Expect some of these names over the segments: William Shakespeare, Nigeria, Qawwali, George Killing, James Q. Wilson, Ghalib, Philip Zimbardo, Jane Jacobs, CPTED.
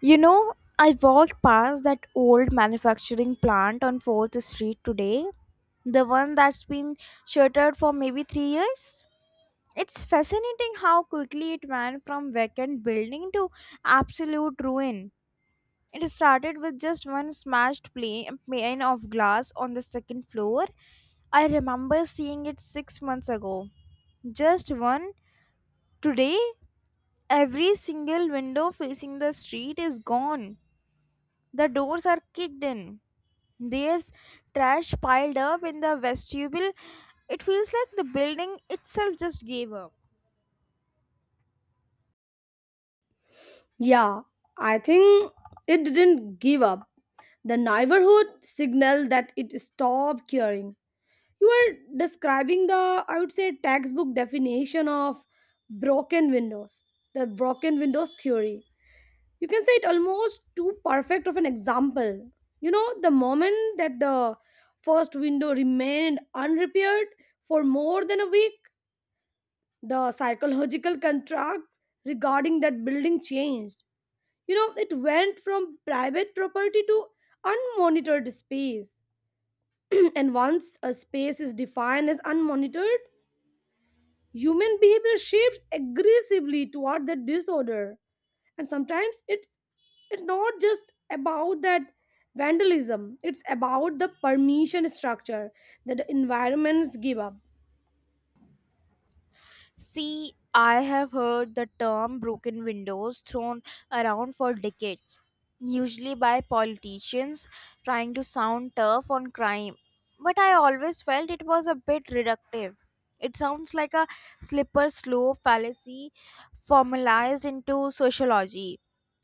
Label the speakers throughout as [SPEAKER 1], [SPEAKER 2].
[SPEAKER 1] You know, I walked past that old manufacturing plant on 4th Street today, the one that's been shuttered for maybe 3 years. It's fascinating how quickly it went from vacant building to absolute ruin. It started with just one pane of glass on the second floor. I remember seeing it 6 months ago. Just one. Today, every single window facing the street is gone. The doors are kicked in. There's trash piled up in the vestibule. It feels like the building itself just gave up.
[SPEAKER 2] Yeah, I think it didn't give up. The neighborhood signaled that it stopped caring. You are describing the, I would say, textbook definition of broken windows, the broken windows theory. You can say it almost too perfect of an example. You know, the moment that the first window remained unrepaired for more than a week, the psychological contract regarding that building changed, you know, it went from private property to unmonitored space. And once a space is defined as unmonitored, human behavior shifts aggressively toward that disorder. And sometimes it's not just about that vandalism, it's about the permission structure that the environments give up.
[SPEAKER 1] See, I have heard the term broken windows thrown around for decades, usually by politicians trying to sound tough on crime. But I always felt it was a bit reductive. It sounds like a slipper slope fallacy formalized into sociology.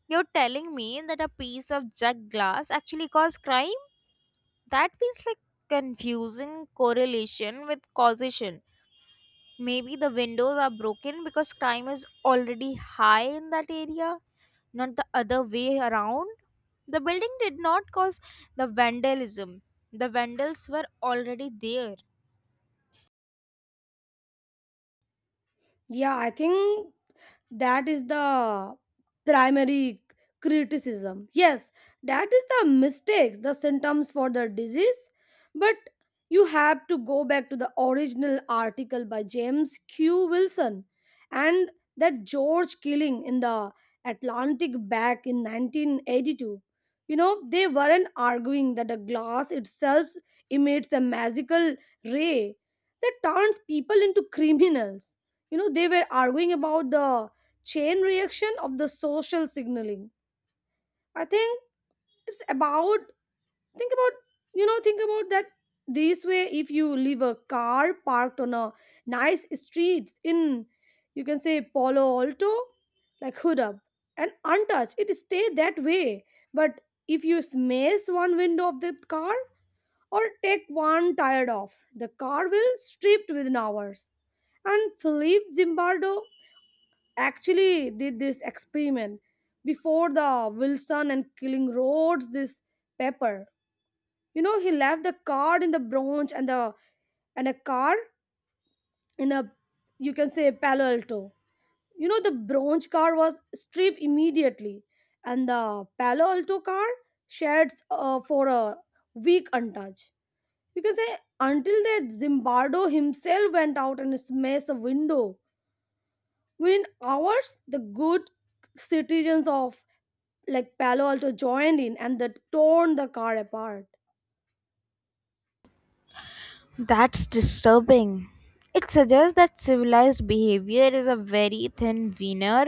[SPEAKER 1] You're telling me that a piece of jug glass actually caused crime? That feels like confusing correlation with causation. Maybe the windows are broken because crime is already high in that area, not the other way around. The building did not cause the vandalism, the vandals were already there.
[SPEAKER 2] Yeah, I think that is the primary criticism. Yes, that is the mistakes, the symptoms for the disease. But you have to go back to the original article by James Q. Wilson and that George Killing in the Atlantic back in 1982. You know, they weren't arguing that the glass itself emits a magical ray that turns people into criminals, you know, they were arguing about the chain reaction of the social signaling. I think it's about think about, you know, think about that this way. If you leave a car parked on a nice streets in, you can say, Palo Alto, like hood up and untouched, it stay that way. But if you smash one window of the car or take one tire off, the car will stripped within hours. And Philip Zimbardo actually did this experiment before the Wilson and Killing Roads this paper. You know, he left the card in the Bronx and the and a car in a, you can say, Palo Alto. You know, the Bronx car was stripped immediately, and the Palo Alto car shared for a week untouched. You can say until that Zimbardo himself went out and smashed a window. Within hours, the good citizens of like Palo Alto joined in and that torn the car apart.
[SPEAKER 1] That's disturbing. It suggests that civilized behavior is a very thin veneer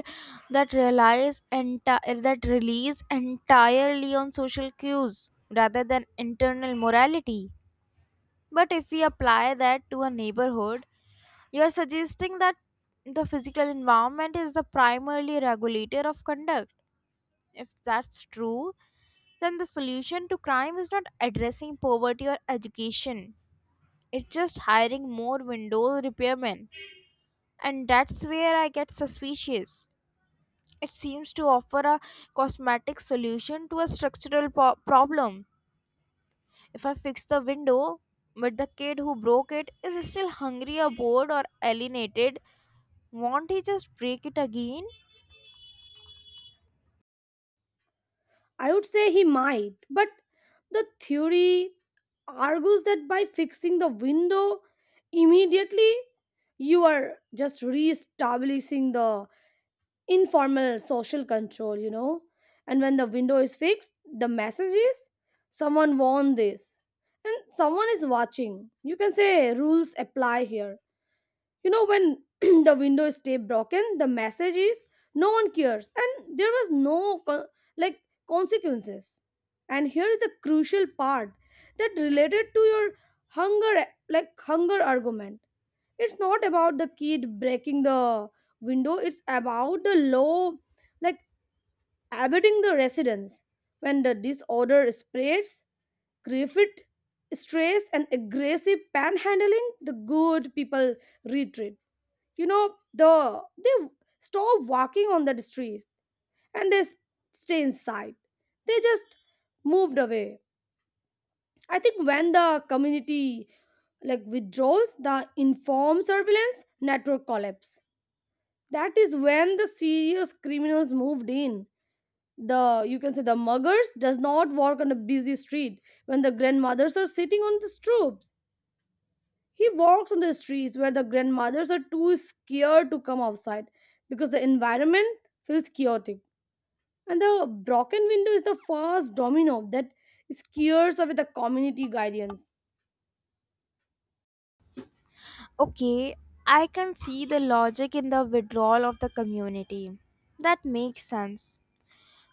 [SPEAKER 1] that that relies entirely on social cues rather than internal morality. But if we apply that to a neighborhood, you're suggesting that the physical environment is the primary regulator of conduct. If that's true, then the solution to crime is not addressing poverty or education, it's just hiring more window repairmen. And that's where I get suspicious. It seems to offer a cosmetic solution to a problem. If I fix the window, but the kid who broke it is still hungry or bored or alienated, won't he just break it again?
[SPEAKER 2] I would say he might, but the theory argues that by fixing the window immediately, you are just re-establishing the informal social control, you know. And when the window is fixed, the message is someone won this, and someone is watching. You can say rules apply here. You know, when the window is stay broken, the message is no one cares, and there was no like consequences. And here is the crucial part that related to your hunger, like hunger argument. It's not about the kid breaking the window. It's about the law, like abetting the residents. When the disorder spreads, grief stress and aggressive panhandling, the good people retreat, you know, they stop walking on that street, and they stay inside, they just moved away. I think when the community like withdraws the informed surveillance network collapse, that is when the serious criminals moved in. The, you can say, the muggers does not walk on a busy street when the grandmothers are sitting on the stoop. He walks on the streets where the grandmothers are too scared to come outside because the environment feels chaotic. And the broken window is the first domino that scares away the community guardians.
[SPEAKER 1] Okay, I can see the logic in the withdrawal of the community. That makes sense.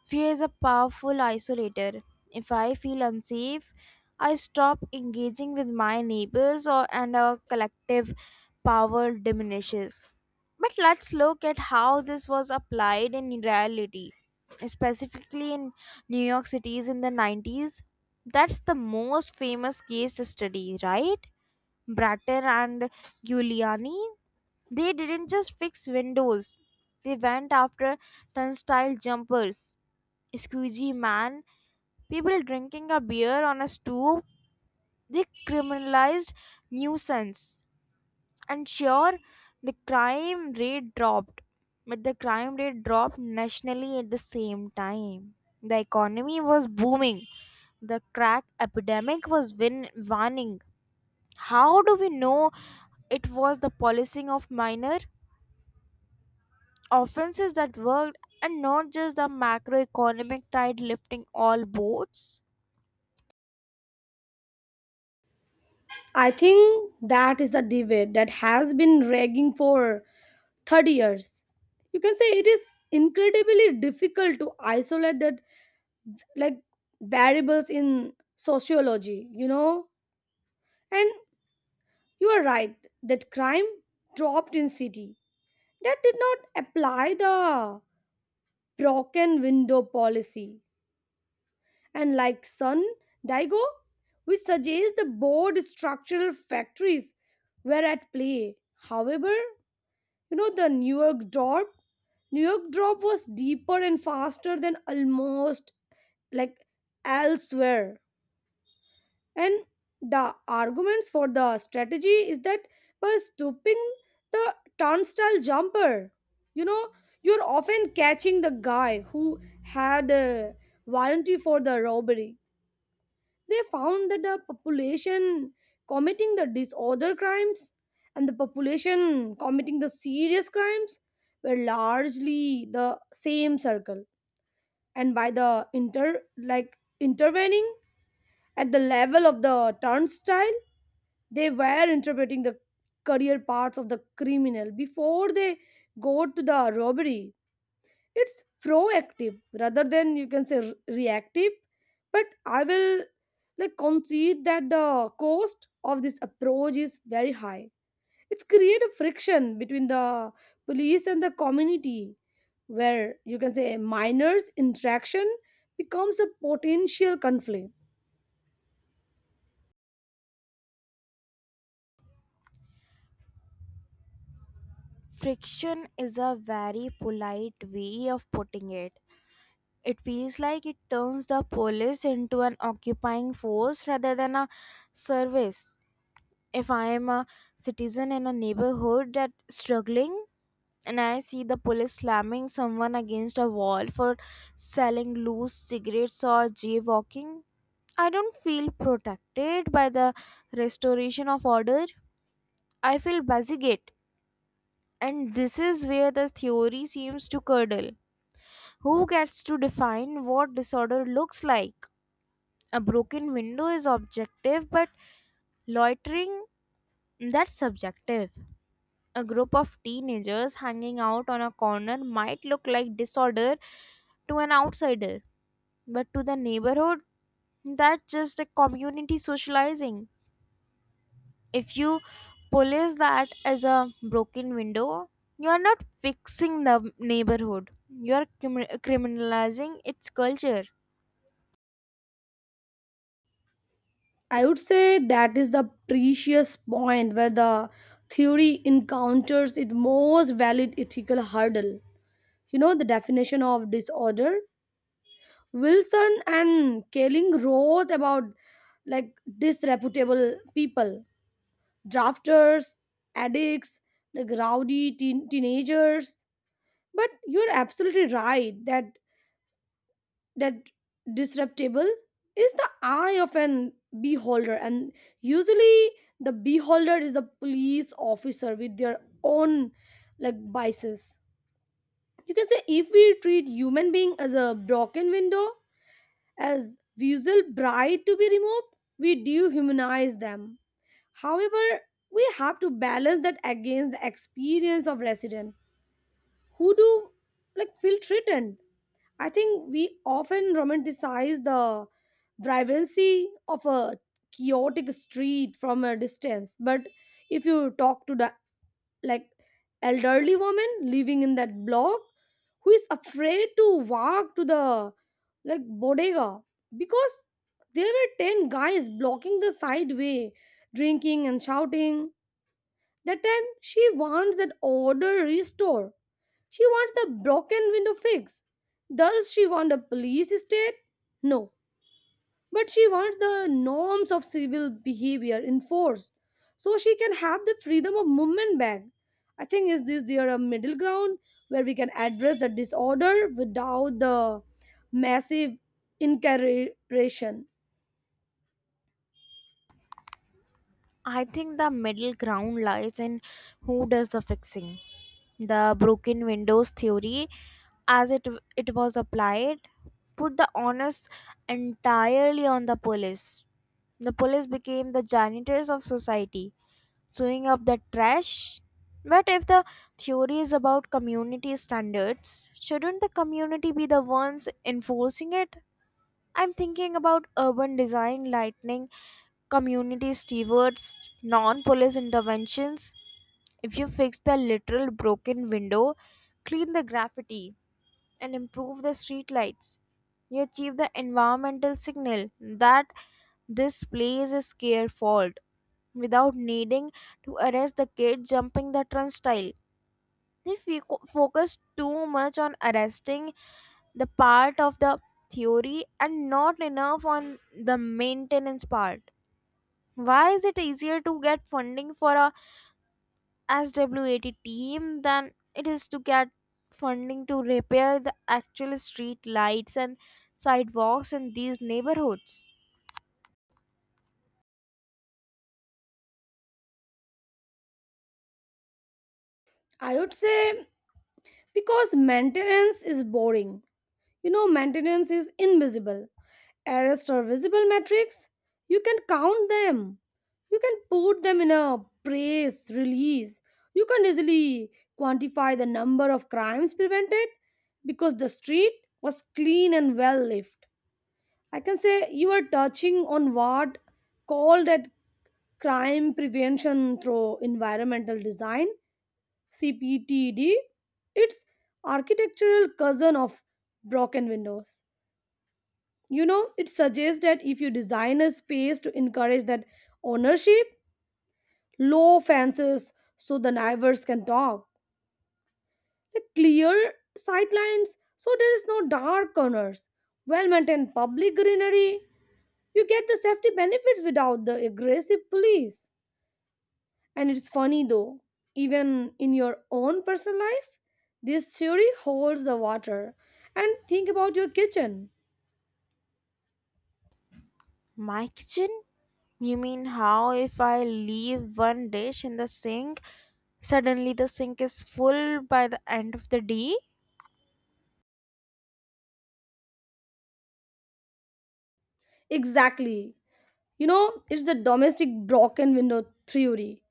[SPEAKER 1] Fear is a powerful isolator. If I feel unsafe, I stop engaging with my neighbors or and our collective power diminishes. But let's look at how this was applied in reality, specifically in New York City's in the 90s. That's the most famous case study, right? Bratton and Giuliani, they didn't just fix windows. They went after turnstile jumpers, squeegee man, people drinking a beer on a stoop. They criminalized nuisance. And sure, the crime rate dropped, but the crime rate dropped nationally at the same time. The economy was booming, the crack epidemic was waning. How do we know it was the policing of minor offenses that worked and not just the macroeconomic tide lifting all boats?
[SPEAKER 2] I think that is a debate that has been raging for 30 years. You can say it is incredibly difficult to isolate that like variables in sociology, you know? And you are right that crime dropped in city that did not apply the broken window policy. And like Sun Daigo, we suggest the board structural factories were at play. However, you know, the New York drop was deeper and faster than almost like elsewhere. And the arguments for the strategy is that by stooping the turnstile jumper, you know, you're often catching the guy who had a warranty for the robbery. They found that the population committing the disorder crimes and the population committing the serious crimes were largely the same circle. And by the intervening at the level of the turnstile, they were interpreting the career paths of the criminal before they go to the robbery. It's proactive rather than, you can say, reactive. But I will like concede that the cost of this approach is very high. It's create a friction between the police and the community where you can say minors interaction becomes a potential conflict.
[SPEAKER 1] Friction is a very polite way of putting it. It feels like it turns the police into an occupying force rather than a service. If I am a citizen in a neighborhood that's struggling and I see the police slamming someone against a wall for selling loose cigarettes or jaywalking, I don't feel protected by the restoration of order. I feel basic. And this is where the theory seems to curdle. Who gets to define what disorder looks like? A broken window is objective, but loitering, that's subjective. A group of teenagers hanging out on a corner might look like disorder to an outsider, but to the neighborhood, that's just a community socializing. If you police that as a broken window, you are not fixing the neighborhood, you are criminalizing its culture.
[SPEAKER 2] I would say that is the precious point where the theory encounters its most valid ethical hurdle. You know, the definition of disorder. Wilson and Kaling wrote about like disreputable people, drafters, addicts, like rowdy teenagers. But you're absolutely right that that disruptable is the eye of an beholder, and usually the beholder is the police officer with their own like biases. You can say if we treat human being as a broken window, as visual bride to be removed, we dehumanize them. However, we have to balance that against the experience of resident who do like feel threatened. I think we often romanticize the vibrancy of a chaotic street from a distance, but if you talk to the like elderly woman living in that block who is afraid to walk to the like bodega because there were 10 guys blocking the side way drinking and shouting, that time she wants that order restored, she wants the broken window fix. Does she want a police state? No. But she wants the norms of civil behavior enforced so she can have the freedom of movement back. I think is this there a middle ground where we can address the disorder without the massive incarceration?
[SPEAKER 1] I think the middle ground lies in who does the fixing. The broken windows theory, as it was applied, put the onus entirely on the police. The police became the janitors of society, sewing up the trash. But if the theory is about community standards, shouldn't the community be the ones enforcing it? I'm thinking about urban design, lightning, community stewards, non police interventions. If you fix the literal broken window, clean the graffiti, and improve the street lights, you achieve the environmental signal that this place is careful without needing to arrest the kid jumping the turnstile. If we focus too much on arresting the part of the theory and not enough on the maintenance part, why is it easier to get funding for a SWAT team than it is to get funding to repair the actual street lights and sidewalks in these neighborhoods?
[SPEAKER 2] I would say because maintenance is boring. You know, maintenance is invisible. Arrest or visible metrics, you can count them. You can put them in a press release. You can easily quantify the number of crimes prevented because the street was clean and well lived. I can say you are touching on what called at crime prevention through environmental design, CPTD. It's architectural cousin of broken windows, you know, it suggests that if you design a space to encourage that ownership, low fences so the neighbors can talk, the clear sightlines so there is no dark corners, well maintained public greenery, you get the safety benefits without the aggressive police. And it's funny though, even in your own personal life, this theory holds the water. And think about your kitchen.
[SPEAKER 1] My kitchen? You mean how if I leave one dish in the sink? Suddenly, the sink is full by the end of the day.
[SPEAKER 2] Exactly. You know, it's the domestic broken window theory.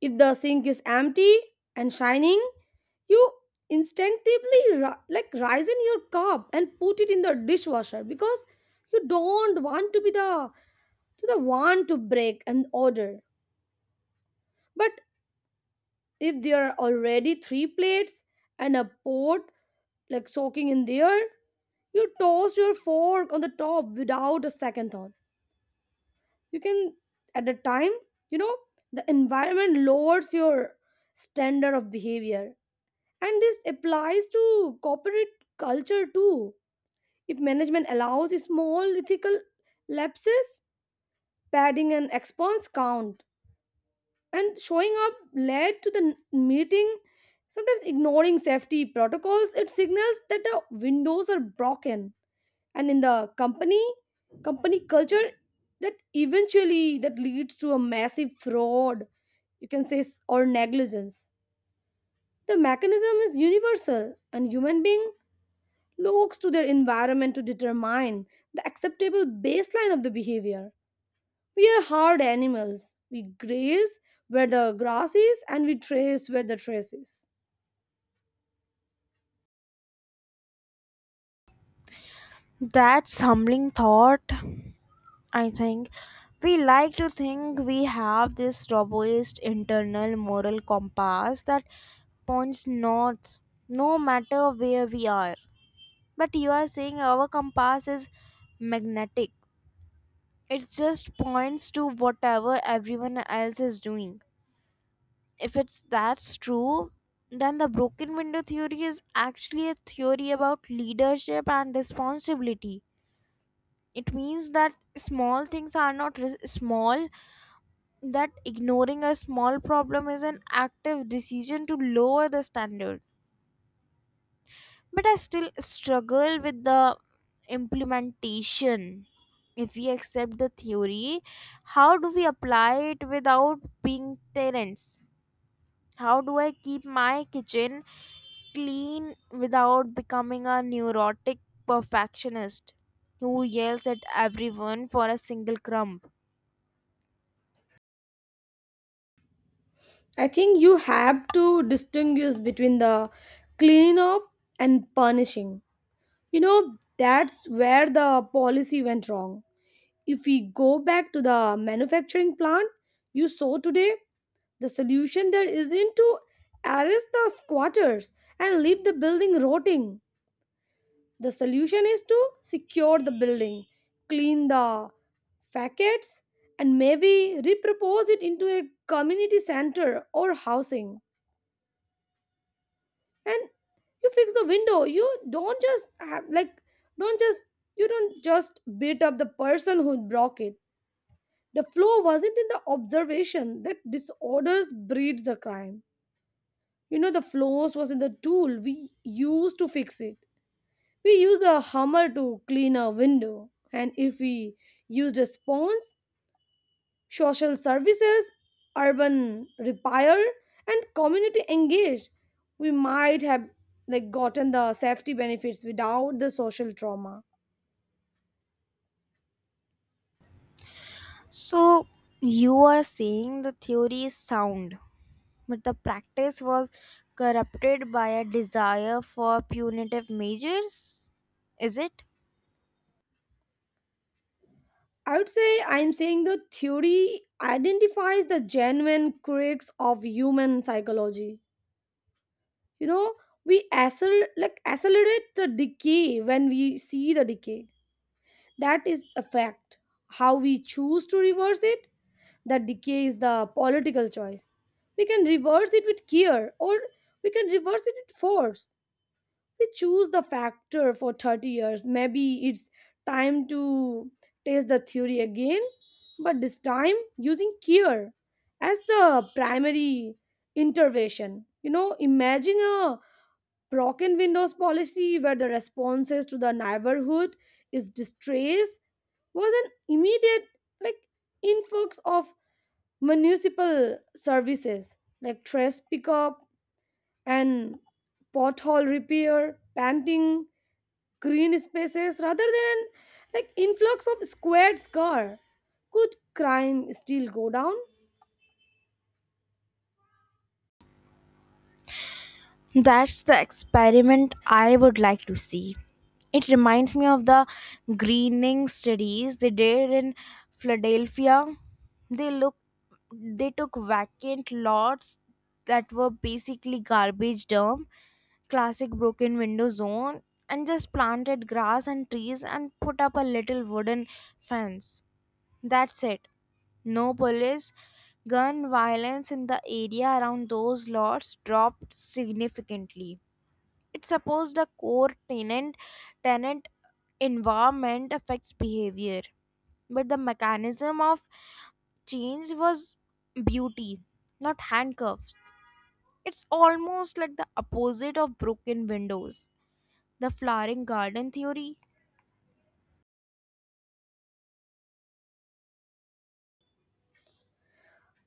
[SPEAKER 2] If the sink is empty and shining, you instinctively rise in your cup and put it in the dishwasher because you don't want to be the to the one to break an order. But if there are already three plates and a pot like soaking in there, you toss your fork on the top without a second thought. You can at the time, you know, the environment lowers your standard of behavior. And this applies to corporate culture too. If management allows small ethical lapses, padding an expense count and showing up late to the meeting, sometimes ignoring safety protocols, it signals that the windows are broken. And in the company company culture, that eventually that leads to a massive fraud, you can say, or negligence. The mechanism is universal, and human being looks to their environment to determine the acceptable baseline of the behavior. We are hard animals, we graze where the grass is and we trace where the trace is.
[SPEAKER 1] That's humbling thought, I think. We like to think we have this robust internal moral compass that points north no matter where we are. But you are saying our compass is magnetic, it just points to whatever everyone else is doing. If it's that's true, then the broken window theory is actually a theory about leadership and responsibility. It means that small things are not small, that ignoring a small problem is an active decision to lower the standard. But I still struggle with the implementation. If we accept the theory, how do we apply it without being tyrants? How do I keep my kitchen clean without becoming a neurotic perfectionist who yells at everyone for a single crumb?
[SPEAKER 2] I think you have to distinguish between the clean up and punishing. You know, that's where the policy went wrong. If we go back to the manufacturing plant you saw today, the solution there isn't to arrest the squatters and leave the building rotting. The solution is to secure the building, clean the facades, and maybe repropose it into a community center or housing. And you fix the window, you don't just have like don't just you don't just beat up the person who broke it. The flaw wasn't in the observation that disorders breeds the crime, you know, the flaws was in the tool we use to fix it. We use a hammer to clean a window, and if we used a sponge, social services, urban repair, and community engaged, we might have like gotten the safety benefits without the social trauma.
[SPEAKER 1] So, you are saying the theory is sound, but the practice was corrupted by a desire for punitive measures? Is it?
[SPEAKER 2] I would say I'm saying the theory identifies the genuine quirks of human psychology. You know, we accelerate the decay when we see the decay. That is a fact. How we choose to reverse it that decay is the political choice. We can reverse it with care, or we can reverse it with force. We choose the factor for 30 years. Maybe it's time to test the theory again, but this time using care as the primary intervention. You know, imagine a broken windows policy where the responses to the neighborhood is distress was an immediate like influx of municipal services like trash pickup and pothole repair, planting green spaces rather than like influx of squared car. Could crime still go down?
[SPEAKER 1] That's the experiment I would like to see. It reminds me of the greening studies they did in Philadelphia. They look they took vacant lots that were basically garbage dump, classic broken window zone, and just planted grass and trees and put up a little wooden fence. That's it. No police. Gun violence in the area around those lots dropped significantly. It's supposed the core tenant: environment affects behavior. But the mechanism of change was beauty, not handcuffs. It's almost like the opposite of broken windows. The flowering garden theory.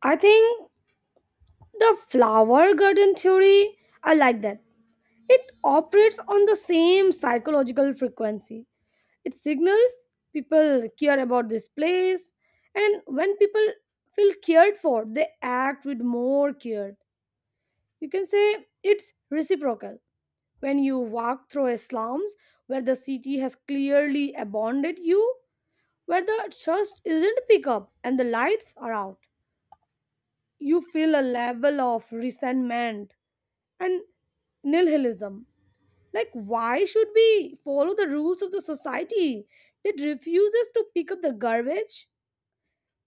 [SPEAKER 2] I think the flower garden theory, I like that. It operates on the same psychological frequency. It signals people care about this place, and when people feel cared for, they act with more care. You can say it's reciprocal. When you walk through a slums where the city has clearly abandoned you, where the trust isn't pick up and the lights are out, you feel a level of resentment and nihilism. Like, why should we follow the rules of the society that refuses to pick up the garbage?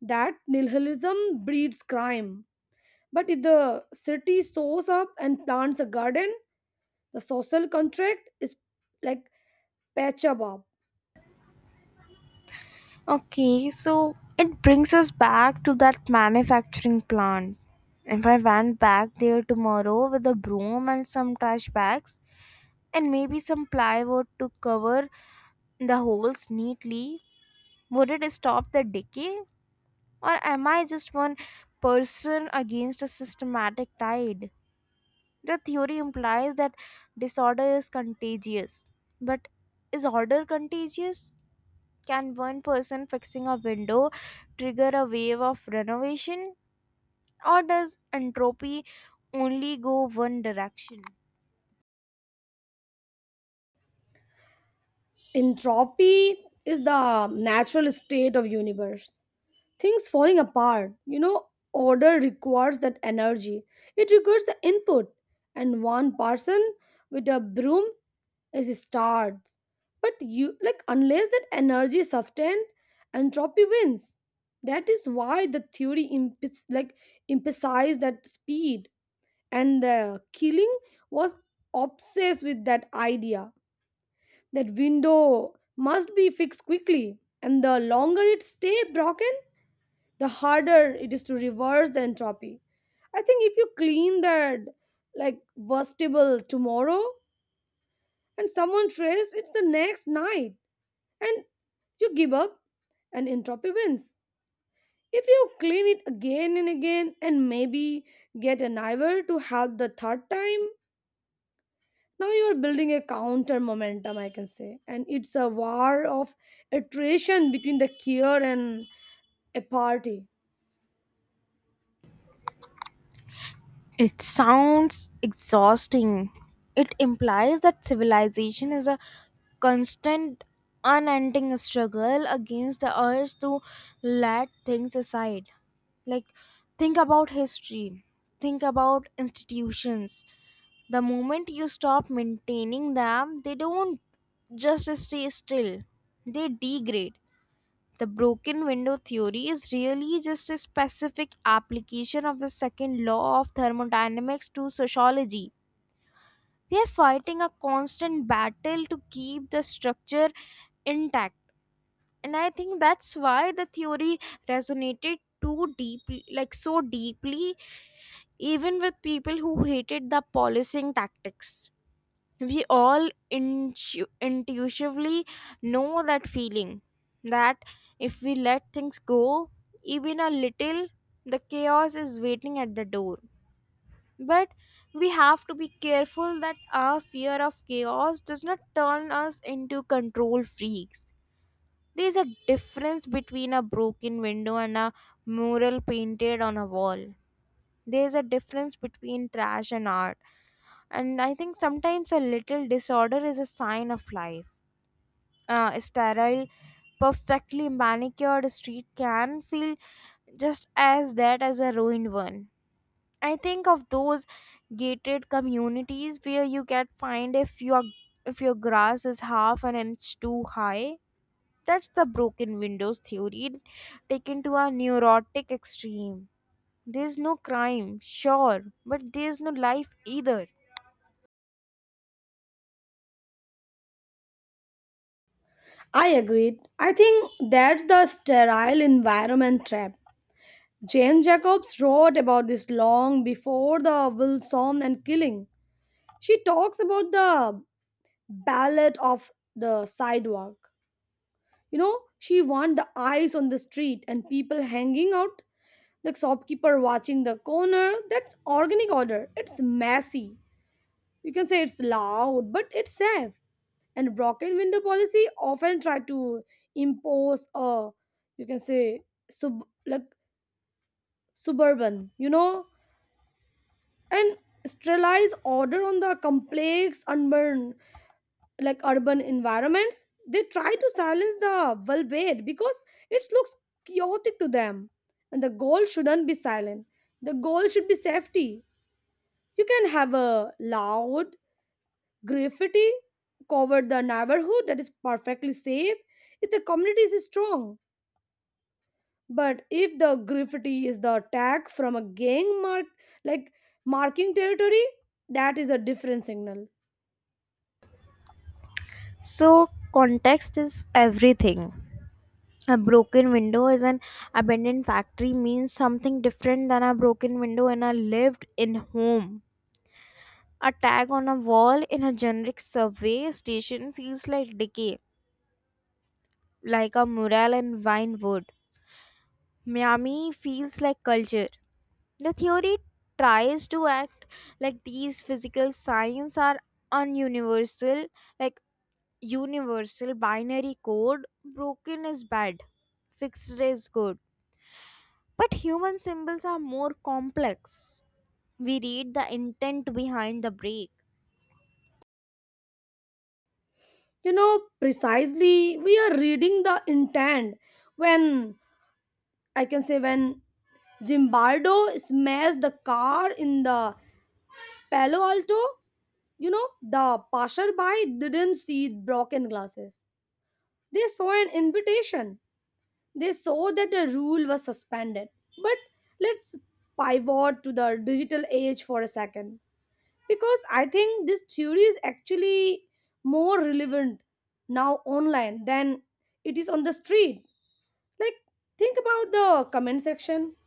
[SPEAKER 2] That nihilism breeds crime. But if the city sows up and plants a garden, the social contract is like Pachabab.
[SPEAKER 1] Okay, so it brings us back to that manufacturing plant. If I went back there tomorrow with a broom and some trash bags and maybe some plywood to cover the holes neatly, would it stop the decay? Or am I just one person against a systematic tide? The theory implies that disorder is contagious. But is order contagious? Can one person fixing a window trigger a wave of renovation, or does entropy only go one direction?
[SPEAKER 2] Entropy is the natural state of universe. Things falling apart. You know, order requires that energy. It requires the input. And one person with a broom is starved. But you like unless that energy is sustained, entropy wins. That is why the theory emphasizes that speed. And the killing was obsessed with that idea that window must be fixed quickly, and the longer it stay broken, the harder it is to reverse the entropy. I think if you clean that like vegetable tomorrow and someone trays it's the next night, and you give up, and entropy wins. If you clean it again and again, and maybe get a neighbor to help the third time, now you are building a counter momentum, I can say, and it's a war of attrition between the cure and a party.
[SPEAKER 1] It sounds exhausting. It implies that civilization is a constant, unending struggle against the urge to let things aside. Like, think about history, think about institutions. The moment you stop maintaining them, they don't just stay still, they degrade. The broken window theory is really just a specific application of the second law of thermodynamics to sociology. We are fighting a constant battle to keep the structure intact. And I think that's why the theory resonated too deeply, like so deeply, even with people who hated the policing tactics. We all intuitively know that feeling, that if we let things go even a little, the chaos is waiting at the door. But we have to be careful that our fear of chaos does not turn us into control freaks. There is a difference between a broken window and a mural painted on a wall. There is a difference between trash and art. And I think sometimes a little disorder is a sign of life. A sterile, perfectly manicured street can feel just as that as a ruined one. I think of those gated communities where you can find if your grass is half an inch too high. That's the broken windows theory taken to a neurotic extreme. There's no crime, sure, but there's no life either.
[SPEAKER 2] I agreed. I think that's the sterile environment trap. Jane Jacobs wrote about this long before the Wilson and killing. She talks about the ballad of the sidewalk. You know, she want the eyes on the street and people hanging out, like shopkeeper watching the corner. That's organic order. It's messy, you can say it's loud, but it's safe. And broken window policy often try to impose a, you can say, sub like suburban, you know, and sterilize order on the complex urban like urban environments. They try to silence the vulvate because it looks chaotic to them. And the goal shouldn't be silent. The goal should be safety. You can have a loud graffiti covered the neighborhood that is perfectly safe if the community is strong. But if the graffiti is the attack from a gang mark, like marking territory, that is a different signal.
[SPEAKER 1] So, context is everything. A broken window is an abandoned factory means something different than a broken window in a lived in home. A tag on a wall in a generic survey station feels like decay, like a mural in vine wood. Miami feels like culture. The theory tries to act like these physical signs are ununiversal, like universal binary code, broken is bad, fixed is good. But human symbols are more complex. We read the intent behind the break.
[SPEAKER 2] You know, precisely we are reading the intent when, I can say, when Zimbardo smashed the car in the Palo Alto. You know, the passerby didn't see broken glasses. They saw an invitation. They saw that the rule was suspended. But let's pivot to the digital age for a second because I think this theory is actually more relevant now online than it is on the street. Like, think about the comment section.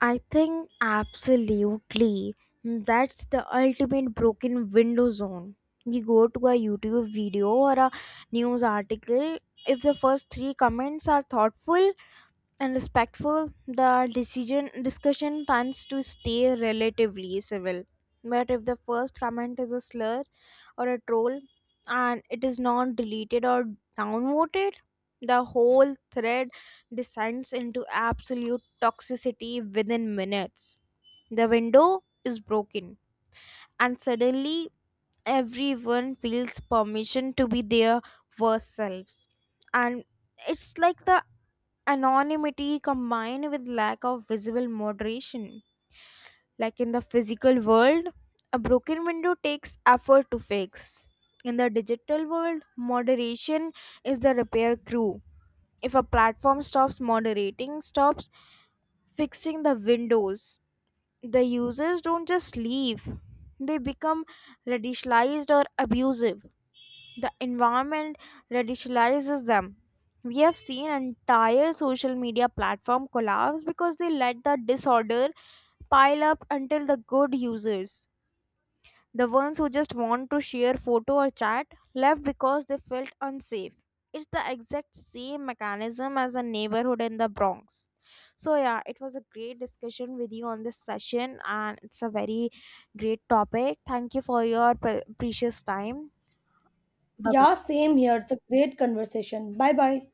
[SPEAKER 1] I think absolutely that's the ultimate broken window zone. You go to a YouTube video or a news article, if the first three comments are thoughtful and respectful, the decision discussion tends to stay relatively civil. But if the first comment is a slur or a troll and it is not deleted or downvoted, the whole thread descends into absolute toxicity within minutes. The window is broken, and suddenly everyone feels permission to be their worst selves. And it's like the anonymity combined with lack of visible moderation. Like in the physical world, a broken window takes effort to fix. In the digital world, moderation is the repair crew. If a platform stops moderating, stops fixing the windows, the users don't just leave, they become radicalized or abusive. The environment radicalizes them. We have seen entire social media platform collapse because they let the disorder pile up until the good users, the ones who just want to share photo or chat, left because they felt unsafe. It's the exact same mechanism as a neighborhood in the Bronx. So yeah, it was a great discussion with you on this session and it's a very great topic. Thank you for your precious time. Bye
[SPEAKER 2] Yeah,
[SPEAKER 1] bye.
[SPEAKER 2] same here. It's a great conversation. Bye bye.